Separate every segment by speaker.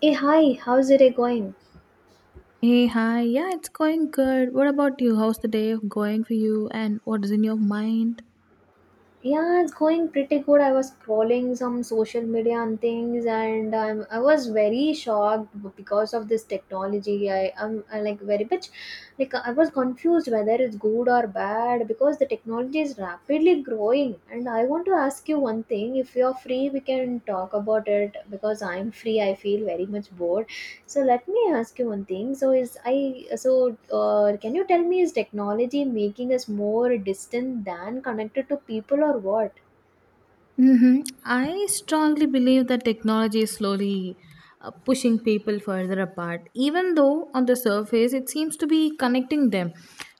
Speaker 1: Hey, hi, how's it going?
Speaker 2: Hey, hi. Yeah, it's going good. What about you? How's the day going for you? And what is in your mind?
Speaker 1: Yeah, it's going pretty good. I was scrolling some social media and things, and I was very shocked because of this technology. I like very much like I was confused whether it's good or bad because the technology is rapidly growing. And I want to ask you one thing if you're free, we can talk about it because I'm free. I feel very much bored. So let me ask you one thing. So is I so Can you tell me, is technology making us more distant than connected to people or what?
Speaker 2: Hmm. I strongly believe that technology is slowly pushing people further apart, even though on the surface it seems to be connecting them.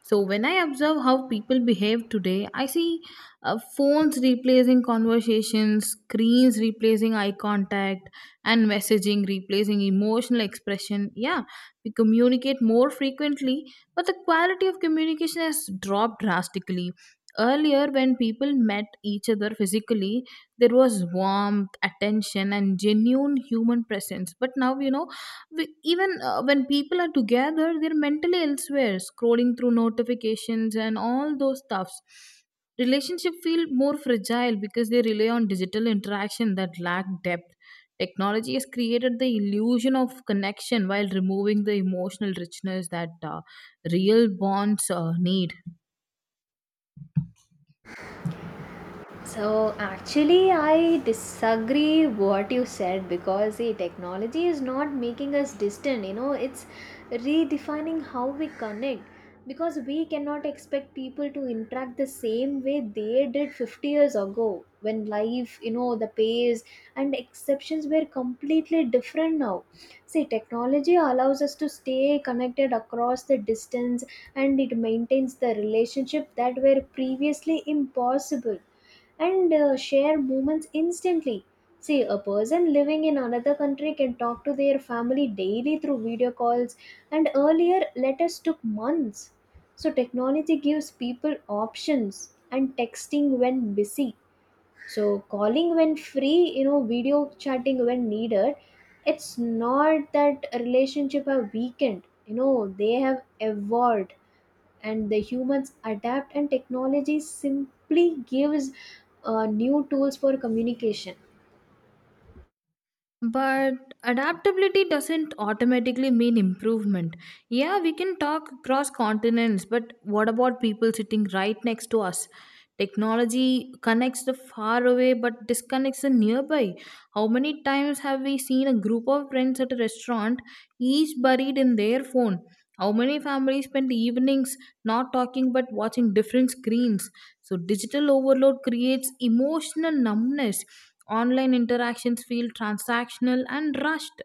Speaker 2: So, when I observe how people behave today, I see phones replacing conversations, screens replacing eye contact, and messaging replacing emotional expression. Yeah, we communicate more frequently, but the quality of communication has dropped drastically. Earlier, when people met each other physically, there was warmth, attention, and genuine human presence. But now, we, even when people are together, they're mentally elsewhere, scrolling through notifications and all those stuffs. Relationship feel more fragile because they rely on digital interaction that lack depth. Technology has created the illusion of connection while removing the emotional richness that real bonds need.
Speaker 1: So actually, I disagree what you said because the technology is not making us distant. You know, it's redefining how we connect because we cannot expect people to interact the same way they did 50 years ago when life, you know, the pace and exceptions were completely different now. See, technology allows us to stay connected across the distance, and it maintains the relationship that were previously impossible and share moments instantly. See, a person living in another country can talk to their family daily through video calls, and earlier letters took months. So, technology gives people options, and texting when busy. So, calling when free, you know, video chatting when needed. It's not that a relationship have weakened, you know, they have evolved and the humans adapt, and technology simply gives new tools for communication.
Speaker 2: But adaptability doesn't automatically mean improvement. Yeah, we can talk across continents, but what about people sitting right next to us? Technology connects the far away but disconnects the nearby. How many times have we seen a group of friends at a restaurant, each buried in their phone? How many families spend evenings not talking but watching different screens? So, digital overload creates emotional numbness. Online interactions feel transactional and rushed.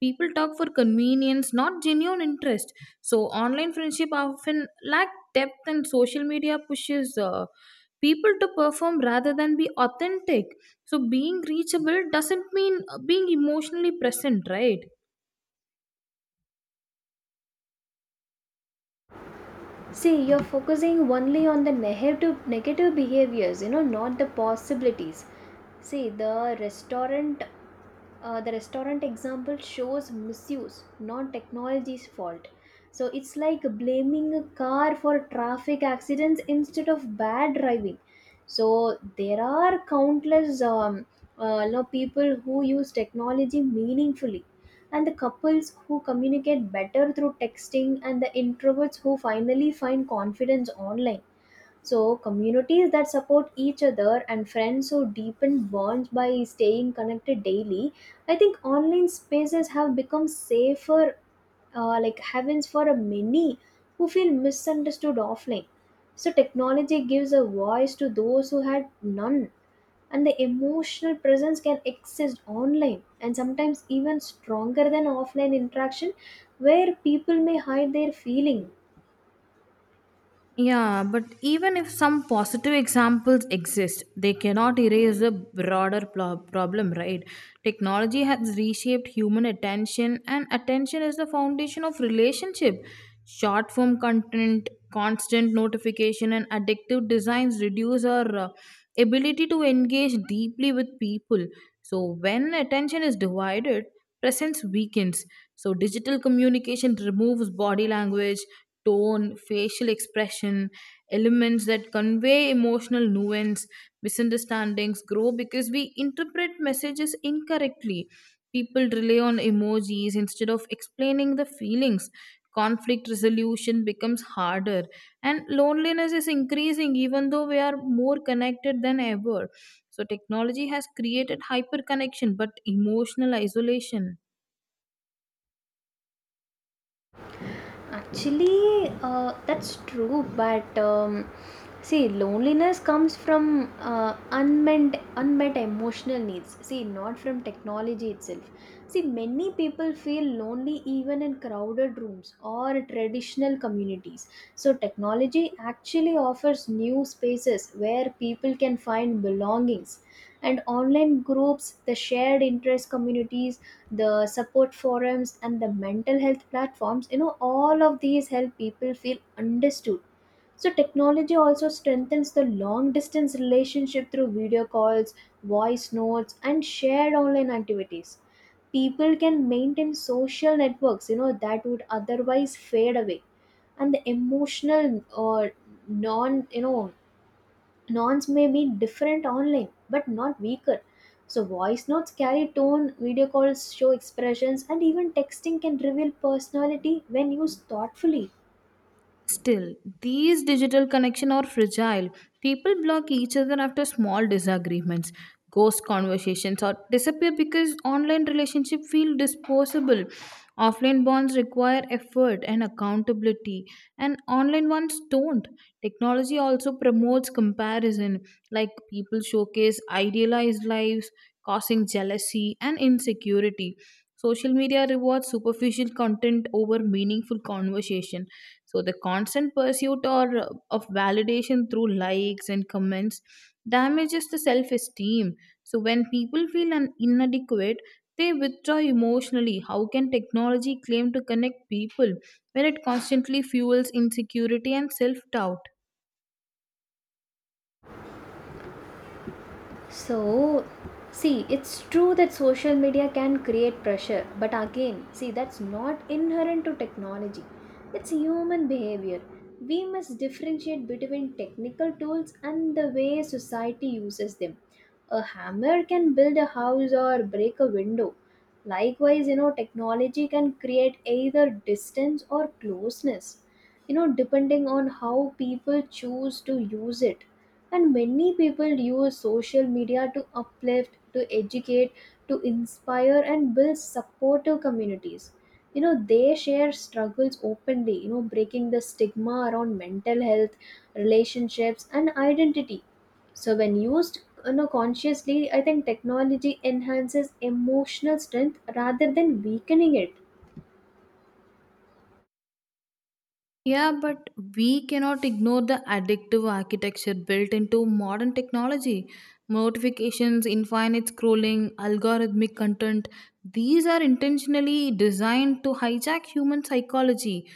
Speaker 2: People talk for convenience, not genuine interest. So, online friendship often lack depth, and social media pushes people to perform rather than be authentic, so being reachable doesn't mean being emotionally present, right?
Speaker 1: See, you're focusing only on the negative behaviors, you know, not the possibilities. See, the restaurant example shows misuse, not technology's fault. So it's like blaming a car for traffic accidents instead of bad driving. So there are countless you know, people who use technology meaningfully, and the couples who communicate better through texting, and the introverts who finally find confidence online, so communities that support each other and friends who deepen bonds by staying connected daily. I think online spaces have become safer, like heavens for a many who feel misunderstood offline. So technology gives a voice to those who had none, and the emotional presence can exist online and sometimes even stronger than offline interaction, where people may hide their feeling.
Speaker 2: Yeah, but even if some positive examples exist, they cannot erase the broader problem, right? Technology has reshaped human attention, and attention is the foundation of relationship. Short form content, constant notification, and addictive designs reduce our ability to engage deeply with people. So, when attention is divided, presence weakens. So, digital communication removes body language, tone, facial expression, elements that convey emotional nuance. Misunderstandings grow because we interpret messages incorrectly. People rely on emojis instead of explaining the feelings. Conflict resolution becomes harder, and loneliness is increasing even though we are more connected than ever. So, technology has created hyperconnection but emotional isolation.
Speaker 1: Actually, that's true, but see, loneliness comes from unmet emotional needs. See, not from technology itself. See, many people feel lonely even in crowded rooms or traditional communities. So, technology actually offers new spaces where people can find belongings. And online groups, the shared interest communities, the support forums, and the mental health platforms, you know, all of these help people feel understood. So technology also strengthens the long distance relationship through video calls, voice notes, and shared online activities. People can maintain social networks, you know, that would otherwise fade away, and the emotional or non, you know, norms may be different online but not weaker. So voice notes carry tone, video calls show expressions, and even texting can reveal personality when used thoughtfully.
Speaker 2: Still, these digital connections are fragile. People block each other after small disagreements, ghost conversations, or disappear because online relationships feel disposable. Offline bonds require effort and accountability, and online ones don't. Technology also promotes comparison, like people showcase idealized lives, causing jealousy and insecurity. Social media rewards superficial content over meaningful conversation. So the constant pursuit or of validation through likes and comments damages the self-esteem. So when people feel inadequate, they withdraw emotionally. How can technology claim to connect people when it constantly fuels insecurity and self-doubt?
Speaker 1: So, see, it's true that social media can create pressure, but again, see, that's not inherent to technology. It's human behavior. We must differentiate between technical tools and the way society uses them. A hammer can build a house or break a window. Likewise, you know, technology can create either distance or closeness, you know, depending on how people choose to use it, and many people use social media to uplift, to educate, to inspire, and build supportive communities. You know, they share struggles openly, you know, breaking the stigma around mental health, relationships, and identity. So when used, you know, consciously, I think technology enhances emotional strength rather than weakening it.
Speaker 2: Yeah, but we cannot ignore the addictive architecture built into modern technology. Notifications, infinite scrolling, algorithmic content, these are intentionally designed to hijack human psychology.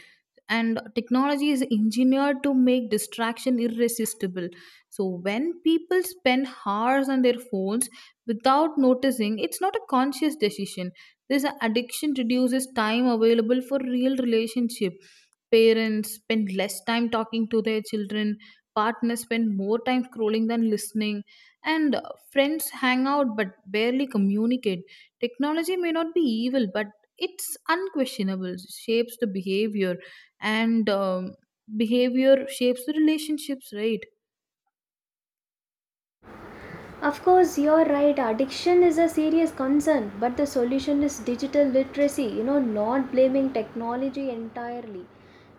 Speaker 2: And technology is engineered to make distraction irresistible. So, when people spend hours on their phones, without noticing, it's not a conscious decision. This addiction reduces time available for real relationship. Parents spend less time talking to their children, partners spend more time scrolling than listening, and friends hang out but barely communicate. Technology may not be evil, but it's unquestionable, shapes the behavior, and behavior shapes the relationships, right?
Speaker 1: Of course, you're right, addiction is a serious concern, but the solution is digital literacy, you know, not blaming technology entirely.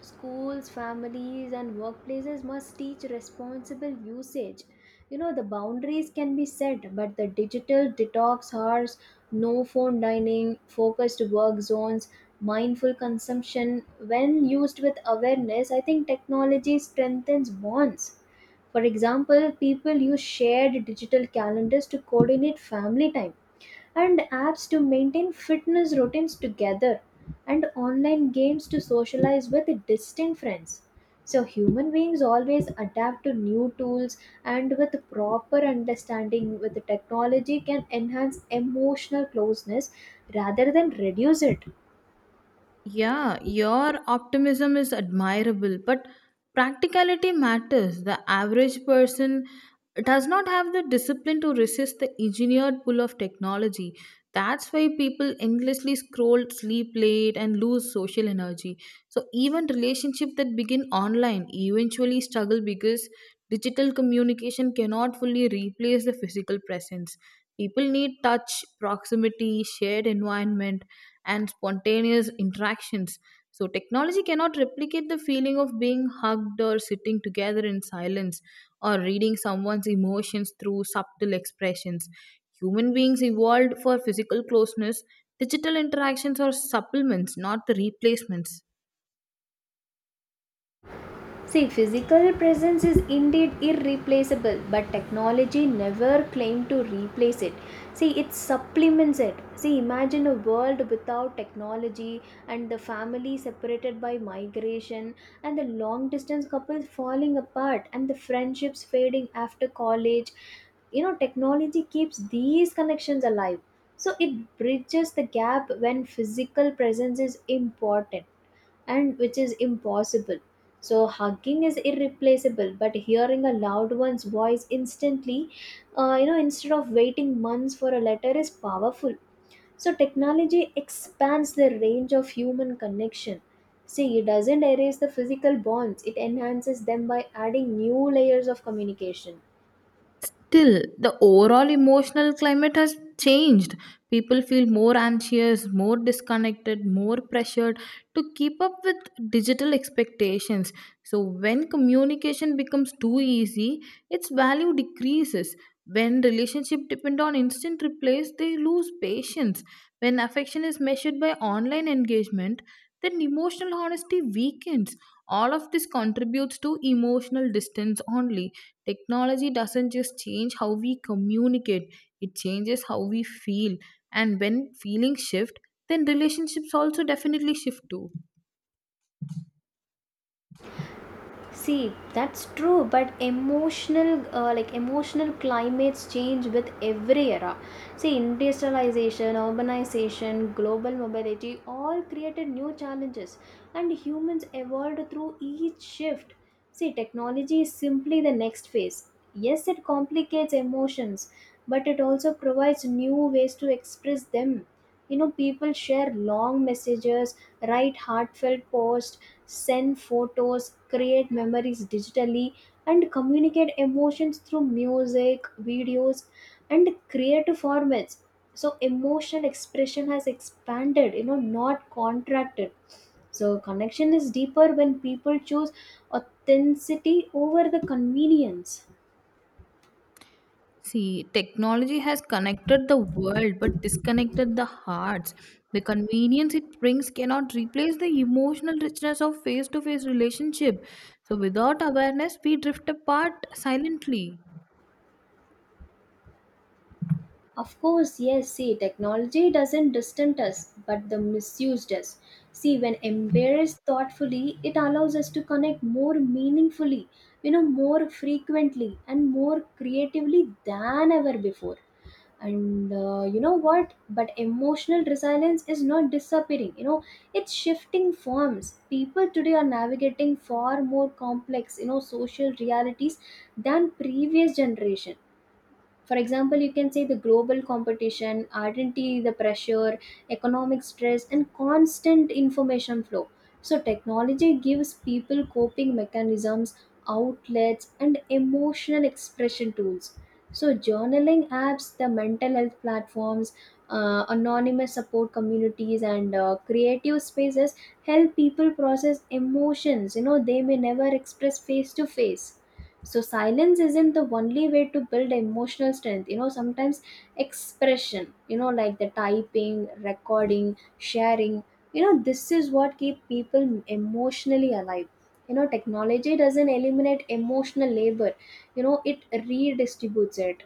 Speaker 1: Schools, families, and workplaces must teach responsible usage. You know, the boundaries can be set, but the digital detox hours, no phone dining, focused work zones, mindful consumption, when used with awareness, I think technology strengthens bonds. For example, people use shared digital calendars to coordinate family time, and apps to maintain fitness routines together, and online games to socialize with distant friends. So, human beings always adapt to new tools, and with proper understanding with the technology can enhance emotional closeness rather than reduce it.
Speaker 2: Yeah, your optimism is admirable, but practicality matters. The average person does not have the discipline to resist the engineered pull of technology. That's why people endlessly scroll, sleep late, and lose social energy. So even relationship that begin online eventually struggle because digital communication cannot fully replace the physical presence. People need touch, proximity, shared environment, and spontaneous interactions. So technology cannot replicate the feeling of being hugged or sitting together in silence or reading someone's emotions through subtle expressions. Human beings evolved for physical closeness. Digital interactions are supplements, not the replacements.
Speaker 1: See, physical presence is indeed irreplaceable, but technology never claimed to replace it. See, it supplements it. See, imagine a world without technology, and the family separated by migration, and the long distance couples falling apart, and the friendships fading after college. You know, technology keeps these connections alive. So, it bridges the gap when physical presence is important and which is impossible. So hugging is irreplaceable, but hearing a loved one's voice instantly, you know, instead of waiting months for a letter, is powerful. So technology expands the range of human connection. See, it doesn't erase the physical bonds; it enhances them by adding new layers of communication.
Speaker 2: Still, the overall emotional climate has changed. People feel more anxious, more disconnected, more pressured to keep up with digital expectations. So, when communication becomes too easy, its value decreases. When relationships depend on instant replies, they lose patience. When affection is measured by online engagement, then emotional honesty weakens. All of this contributes to emotional distance only. Technology doesn't just change how we communicate, it changes how we feel. And when feelings shift, then relationships also definitely shift too.
Speaker 1: See, that's true, but like emotional climates change with every era. See, industrialization, urbanization, global mobility all created new challenges, and humans evolved through each shift. See, technology is simply the next phase. Yes, it complicates emotions, but it also provides new ways to express them. You know, people share long messages, write heartfelt posts, send photos, create memories digitally, and communicate emotions through music, videos, and creative formats. So, emotional expression has expanded, you know, not contracted. So, connection is deeper when people choose authenticity over the convenience.
Speaker 2: See, technology has connected the world but disconnected the hearts. The convenience it brings cannot replace the emotional richness of face to face relationship. So without awareness, we drift apart silently.
Speaker 1: Of course, yes. See, technology doesn't distance us, but the misuse does. See, when embraced thoughtfully, it allows us to connect more meaningfully, you know, more frequently and more creatively than ever before. And you know what? But emotional resilience is not disappearing. You know, it's shifting forms. People today are navigating far more complex, you know, social realities than previous generation. For example, you can say the global competition, identity, the pressure, economic stress, and constant information flow. So technology gives people coping mechanisms, outlets, and emotional expression tools. So journaling apps, the mental health platforms, anonymous support communities, and creative spaces help people process emotions, you know, they may never express face to face. So silence isn't the only way to build emotional strength, you know, sometimes expression, you know, like the typing, recording, sharing, you know, this is what keep people emotionally alive. You know, technology doesn't eliminate emotional labor, you know, it redistributes it.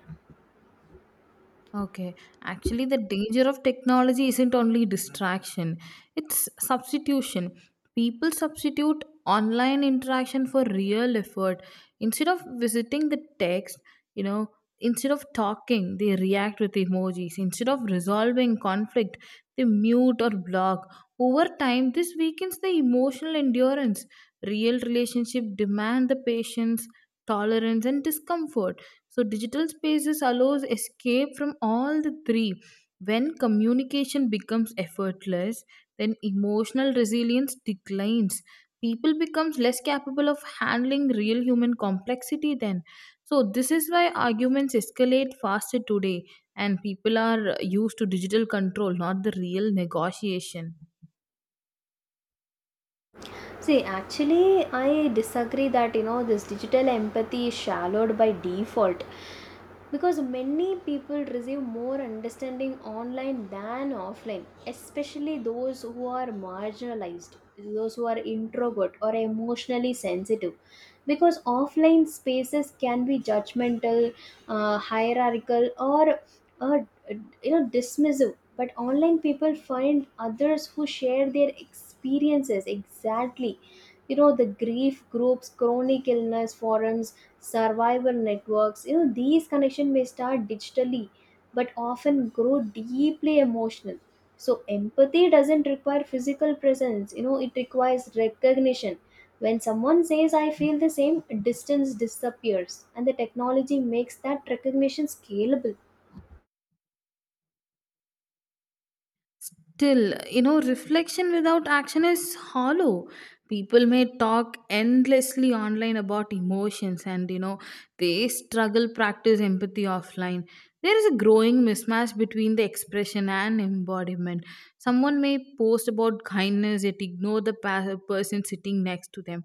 Speaker 2: Okay. Actually, the danger of technology isn't only distraction, it's substitution. People substitute online interaction for real effort. Instead of visiting the text, you know, instead of talking, they react with emojis. Instead of resolving conflict, they mute or block. Over time, this weakens the emotional endurance. Real relationship demand the patience, tolerance, and discomfort, so digital spaces allows escape from all the three. When communication becomes effortless, then emotional resilience declines. People becomes less capable of handling real human complexity then. So this is why arguments escalate faster today, and people are used to digital control, not the real negotiation.
Speaker 1: See, actually, I disagree that, you know, this digital empathy is shallowed by default because many people receive more understanding online than offline, especially those who are marginalized, those who are introvert or emotionally sensitive. Because offline spaces can be judgmental, hierarchical, or uh, you know, dismissive, but online people find others who share their experiences exactly, you know, the grief groups, chronic illness forums, survival networks. You know, these connections may start digitally but often grow deeply emotional. So empathy doesn't require physical presence, you know, it requires recognition. When someone says I feel the same, distance disappears, and the technology makes that recognition scalable.
Speaker 2: Still, reflection without action is hollow. People may talk endlessly online about emotions and, they struggle practice empathy offline. There is a growing mismatch between the expression and embodiment. Someone may post about kindness yet ignore the person sitting next to them.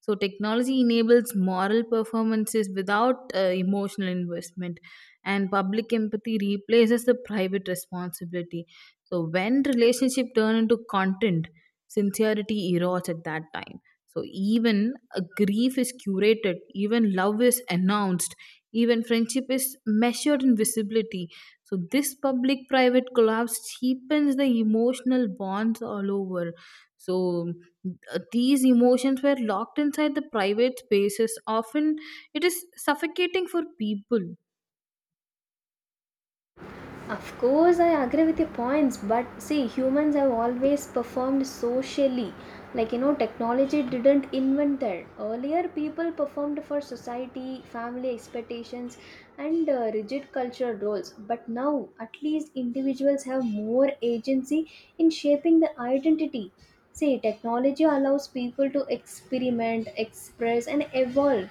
Speaker 2: So, technology enables moral performances without emotional investment, and public empathy replaces the private responsibility. So when relationship turn into content, sincerity erodes at that time. So even a grief is curated, even love is announced, even friendship is measured in visibility. So this public-private collapse cheapens the emotional bonds all over. So these emotions were locked inside the private spaces. Often it is suffocating for people.
Speaker 1: Of course, I agree with your points, but see, humans have always performed socially. Like, you know, technology didn't invent that. Earlier, people performed for society, family expectations, and rigid cultural roles. But now, at least individuals have more agency in shaping their identity. See, technology allows people to experiment, express, and evolve.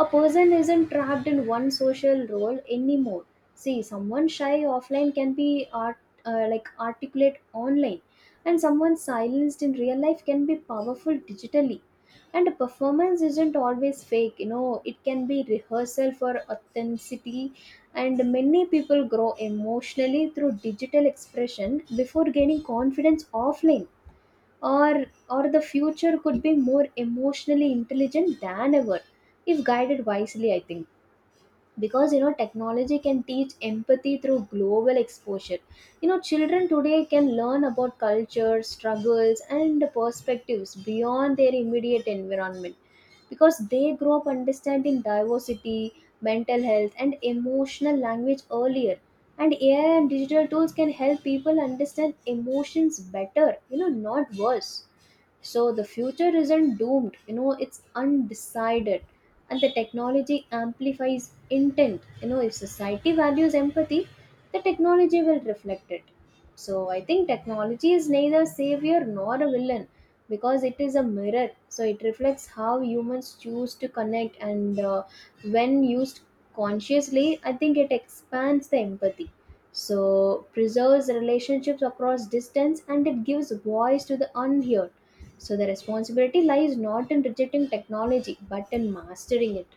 Speaker 1: A person isn't trapped in one social role anymore. See, someone shy offline can be art like articulate online, and someone silenced in real life can be powerful digitally, and a performance isn't always fake, you know, it can be rehearsal for authenticity, and many people grow emotionally through digital expression before gaining confidence offline. Or the future could be more emotionally intelligent than ever if guided wisely, I think, because, you know, technology can teach empathy through global exposure. You know, children today can learn about culture, struggles, and perspectives beyond their immediate environment, because they grow up understanding diversity, mental health, and emotional language earlier. And AI and digital tools can help people understand emotions better, you know, not worse. So the future isn't doomed, you know, it's undecided, and the technology amplifies intent. You know, if society values empathy, the technology will reflect it. So I think technology is neither savior nor a villain, because it is a mirror. So it reflects how humans choose to connect, and when used consciously, I think it expands the empathy, so preserves relationships across distance, and it gives voice to the unheard. So the responsibility lies not in rejecting technology but in mastering it.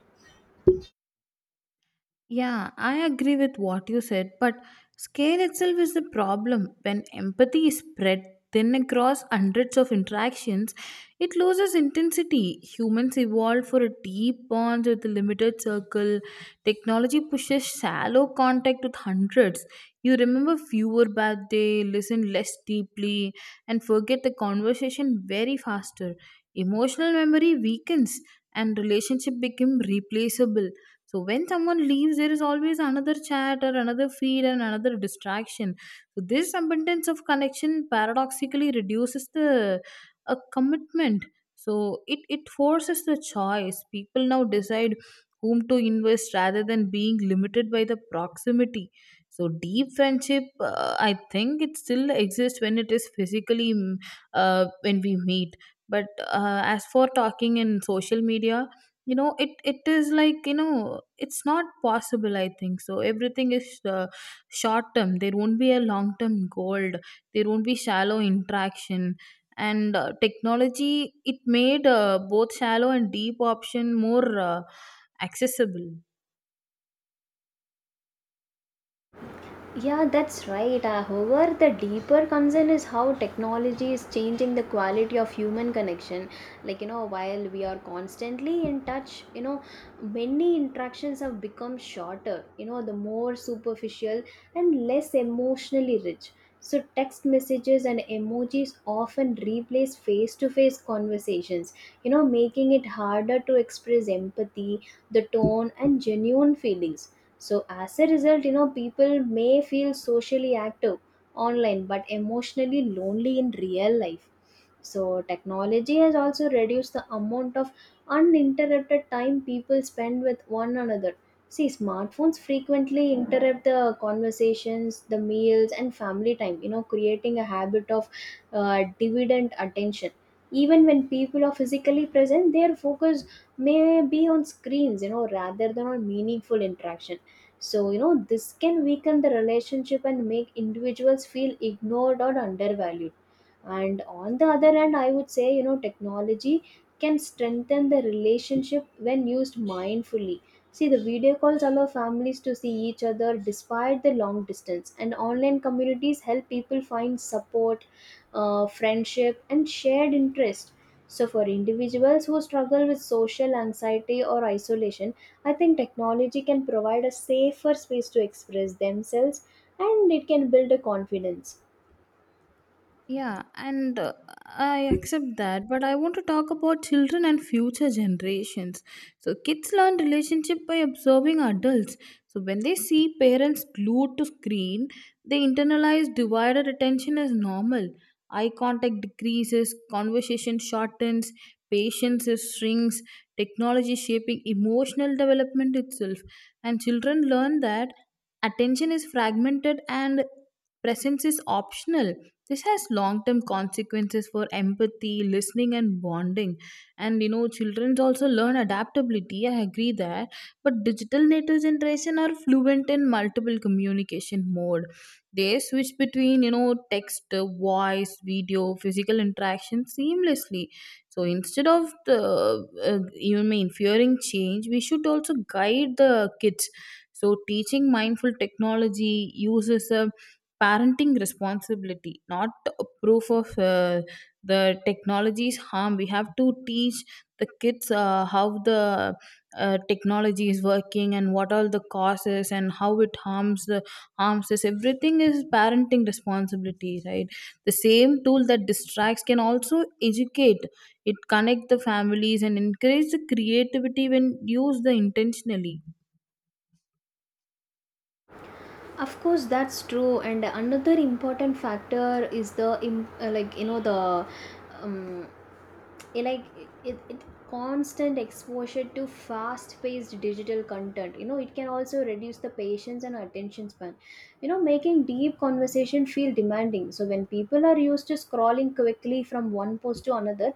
Speaker 2: Yeah, I agree with what you said, but scale itself is the problem. When empathy is spread thin across hundreds of interactions, it loses intensity. Humans evolved for a deep bond with a limited circle. Technology pushes shallow contact with hundreds. You remember fewer bad day, listen less deeply, and forget the conversation very faster. Emotional memory weakens, and relationship become replaceable. So when someone leaves, there is always another chat or another feed and another distraction. So this abundance of connection paradoxically reduces the a commitment. So it forces the choice. People now decide whom to invest rather than being limited by the proximity. So deep friendship, I think it still exists when it is physically when we meet. But as for talking in social media, it is like, it's not possible, I think so. Everything is short term. There won't be a long term goal. There won't be shallow interaction. And technology, it made both shallow and deep option more accessible.
Speaker 1: Yeah, that's right. However, the deeper concern is how technology is changing the quality of human connection. Like, you know, while we are constantly in touch, you know, many interactions have become shorter, you know, the more superficial and less emotionally rich. So, text messages and emojis often replace face to face conversations, you know, making it harder to express empathy, the tone, and genuine feelings. So, as a result, you know, people may feel socially active online but emotionally lonely in real life. So, technology has also reduced the amount of uninterrupted time people spend with one another. See, smartphones frequently interrupt the conversations, the meals, and family time, you know, creating a habit of dividend attention. Even when people are physically present, their focus may be on screens, you know, rather than on meaningful interaction. So, you know, this can weaken the relationship and make individuals feel ignored or undervalued. And on the other hand, I would say, you know, technology can strengthen the relationship when used mindfully. See, the video calls allow families to see each other despite the long distance, and online communities help people find support, friendship, and shared interest. So, for individuals who struggle with social anxiety or isolation, I think technology can provide a safer space to express themselves, and it can build a confidence.
Speaker 2: Yeah, and I accept that, but I want to talk about children and future generations. So, kids learn relationship by observing adults. So, when they see parents glued to screen, they internalize divided attention as normal. Eye contact decreases, conversation shortens, patience is shrinks, technology shaping emotional development itself. And children learn that attention is fragmented and presence is optional. This has long term consequences for empathy, listening, and bonding. And children also learn adaptability. I agree that, but digital native generation are fluent in multiple communication mode. They switch between, text, voice, video, physical interaction seamlessly. So instead of the, you mean fearing change, we should also guide the kids. So teaching mindful technology uses a parenting responsibility, not a proof of the technology's harm. We have to teach the kids how the technology is working and what all the causes and how it harms the harms us. Everything is parenting responsibility, right? The same tool that distracts can also educate, it connect the families and encourage the creativity when used the intentionally.
Speaker 1: Of course, that's true. And another important factor is the, im- like, you know, the um, it, like it constant exposure to fast-paced digital content. You know, it can also reduce the patience and attention span, you know, making deep conversation feel demanding. So when people are used to scrolling quickly from one post to another,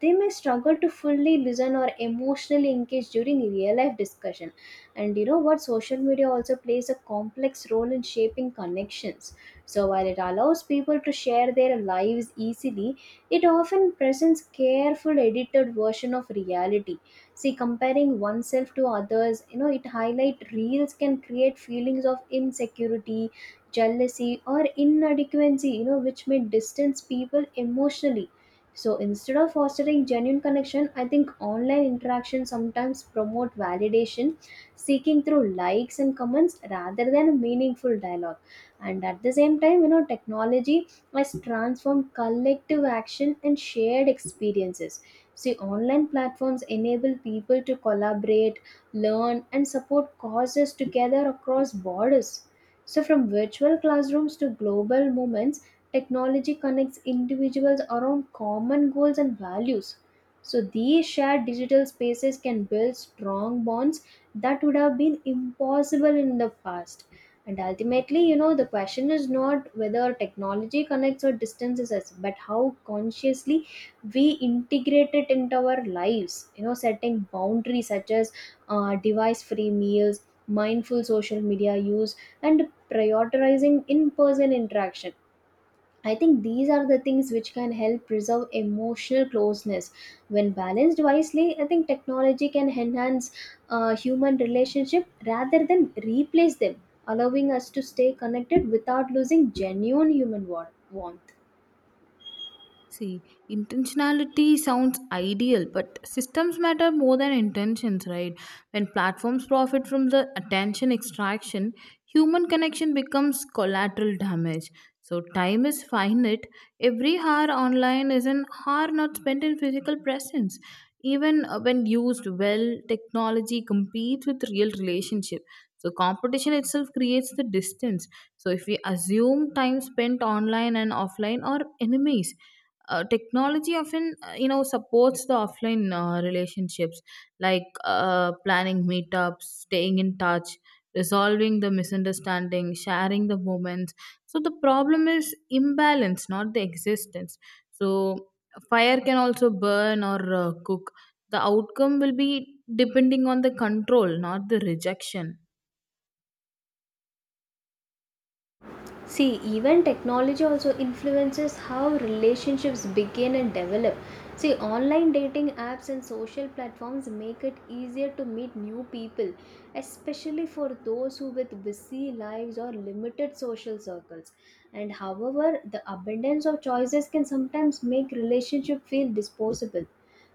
Speaker 1: they may struggle to fully listen or emotionally engage during real life discussion. And you know what, social media also plays a complex role in shaping connections. So while it allows people to share their lives easily, it often presents careful edited version of reality. See, comparing oneself to others, you know, it highlight reels can create feelings of insecurity, jealousy, or inadequacy, you know, which may distance people emotionally. So instead of fostering genuine connection, I think online interaction sometimes promote validation seeking through likes and comments rather than meaningful dialogue. And at the same time, you know, technology must transform collective action and shared experiences. See, online platforms enable people to collaborate, learn, and support causes together across borders. So, from virtual classrooms to global movements, technology connects individuals around common goals and values. So, these shared digital spaces can build strong bonds that would have been impossible in the past. And ultimately, you know, the question is not whether technology connects or distances us, but how consciously we integrate it into our lives. You know, setting boundaries such as device free meals, mindful social media use, and prioritizing in person interaction, I think these are the things which can help preserve emotional closeness. When balanced wisely, I think technology can enhance human relationship rather than replace them, allowing us to stay connected without losing genuine human warmth.
Speaker 2: See, intentionality sounds ideal, but systems matter more than intentions, right? When platforms profit from the attention extraction, human connection becomes collateral damage. So, time is finite. Every hour online is an hour not spent in physical presence. Even when used well, technology competes with real relationship. So, competition itself creates the distance. So, if we assume time spent online and offline are enemies, technology often supports the offline relationships, like planning meetups, staying in touch, resolving the misunderstanding, sharing the moments. So the problem is imbalance, not the existence. So fire can also burn or cook, the outcome will be depending on the control, not the rejection.
Speaker 1: See, even technology also influences how relationships begin and develop. See, online dating apps and social platforms make it easier to meet new people, especially for those who with busy lives or limited social circles. And however, the abundance of choices can sometimes make relationship feel disposable.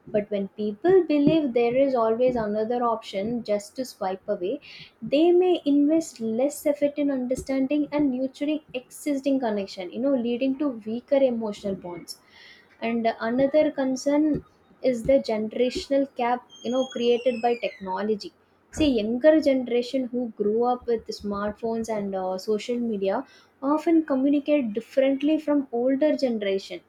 Speaker 1: But when people believe there is always another option just to swipe away, they may invest less effort in understanding and nurturing existing connection, you know, leading to weaker emotional bonds. And another concern is the generational gap, you know, created by technology. See, younger generation who grew up with smartphones and social media often communicate differently from older generation.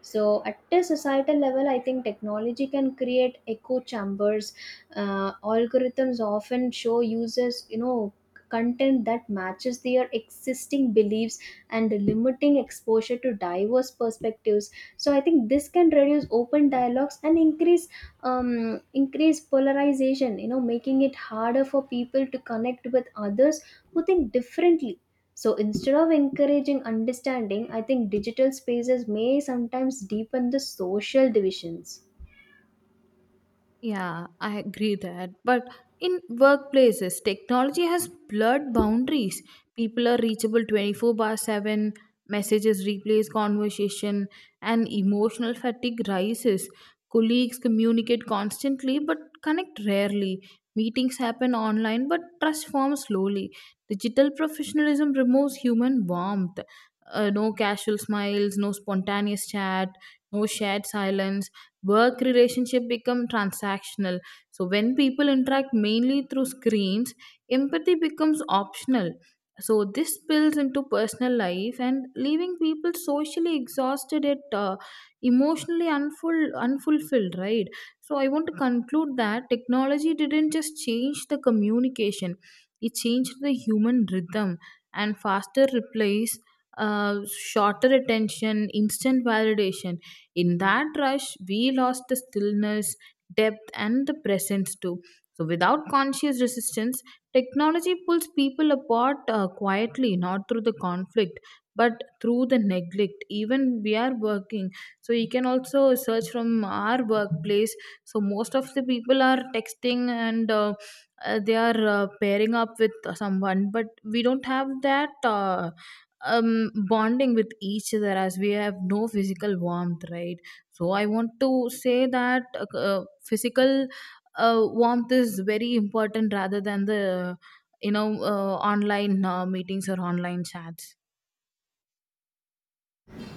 Speaker 1: So at a societal level, I think technology can create echo chambers. Algorithms often show users, you know, content that matches their existing beliefs and limiting exposure to diverse perspectives. So I think this can reduce open dialogues and increase increase polarization, you know, making it harder for people to connect with others who think differently. So instead of encouraging understanding, I think digital spaces may sometimes deepen the social divisions.
Speaker 2: Yeah, I agree that. But in workplaces, technology has blurred boundaries. People are reachable 24/7, messages replace conversation, and emotional fatigue rises. Colleagues communicate constantly but connect rarely. Meetings happen online but trust forms slowly. Digital professionalism removes human warmth. No casual smiles, no spontaneous chat, no shared silence. Work relationship become transactional. So when people interact mainly through screens, empathy becomes optional. So this spills into personal life, and leaving people socially exhausted at emotionally unfulfilled, right? So I want to conclude that technology didn't just change the communication, it changed the human rhythm. And faster replies, uh, shorter attention, instant validation, in that rush, we lost the stillness, depth, and the presence too. So, without conscious resistance, technology pulls people apart quietly, not through the conflict, but through the neglect. Even we are working, so you can also search from our workplace. So, most of the people are texting and they are pairing up with someone, but we don't have that. Bonding with each other, as we have no physical warmth, right? So I want to say that physical warmth is very important rather than the online meetings or online chats.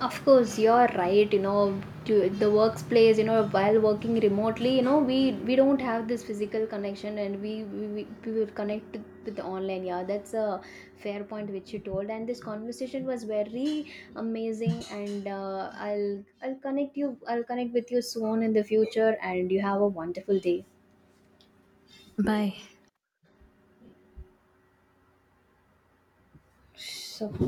Speaker 1: Of course, you're right. You know, to the workplace. You know, while working remotely, you know, we don't have this physical connection, and we will connect with the online. Yeah, that's a fair point which you told. And this conversation was very amazing. And I'll connect you. I'll connect with you soon in the future. And you have a wonderful day.
Speaker 2: Bye.
Speaker 1: So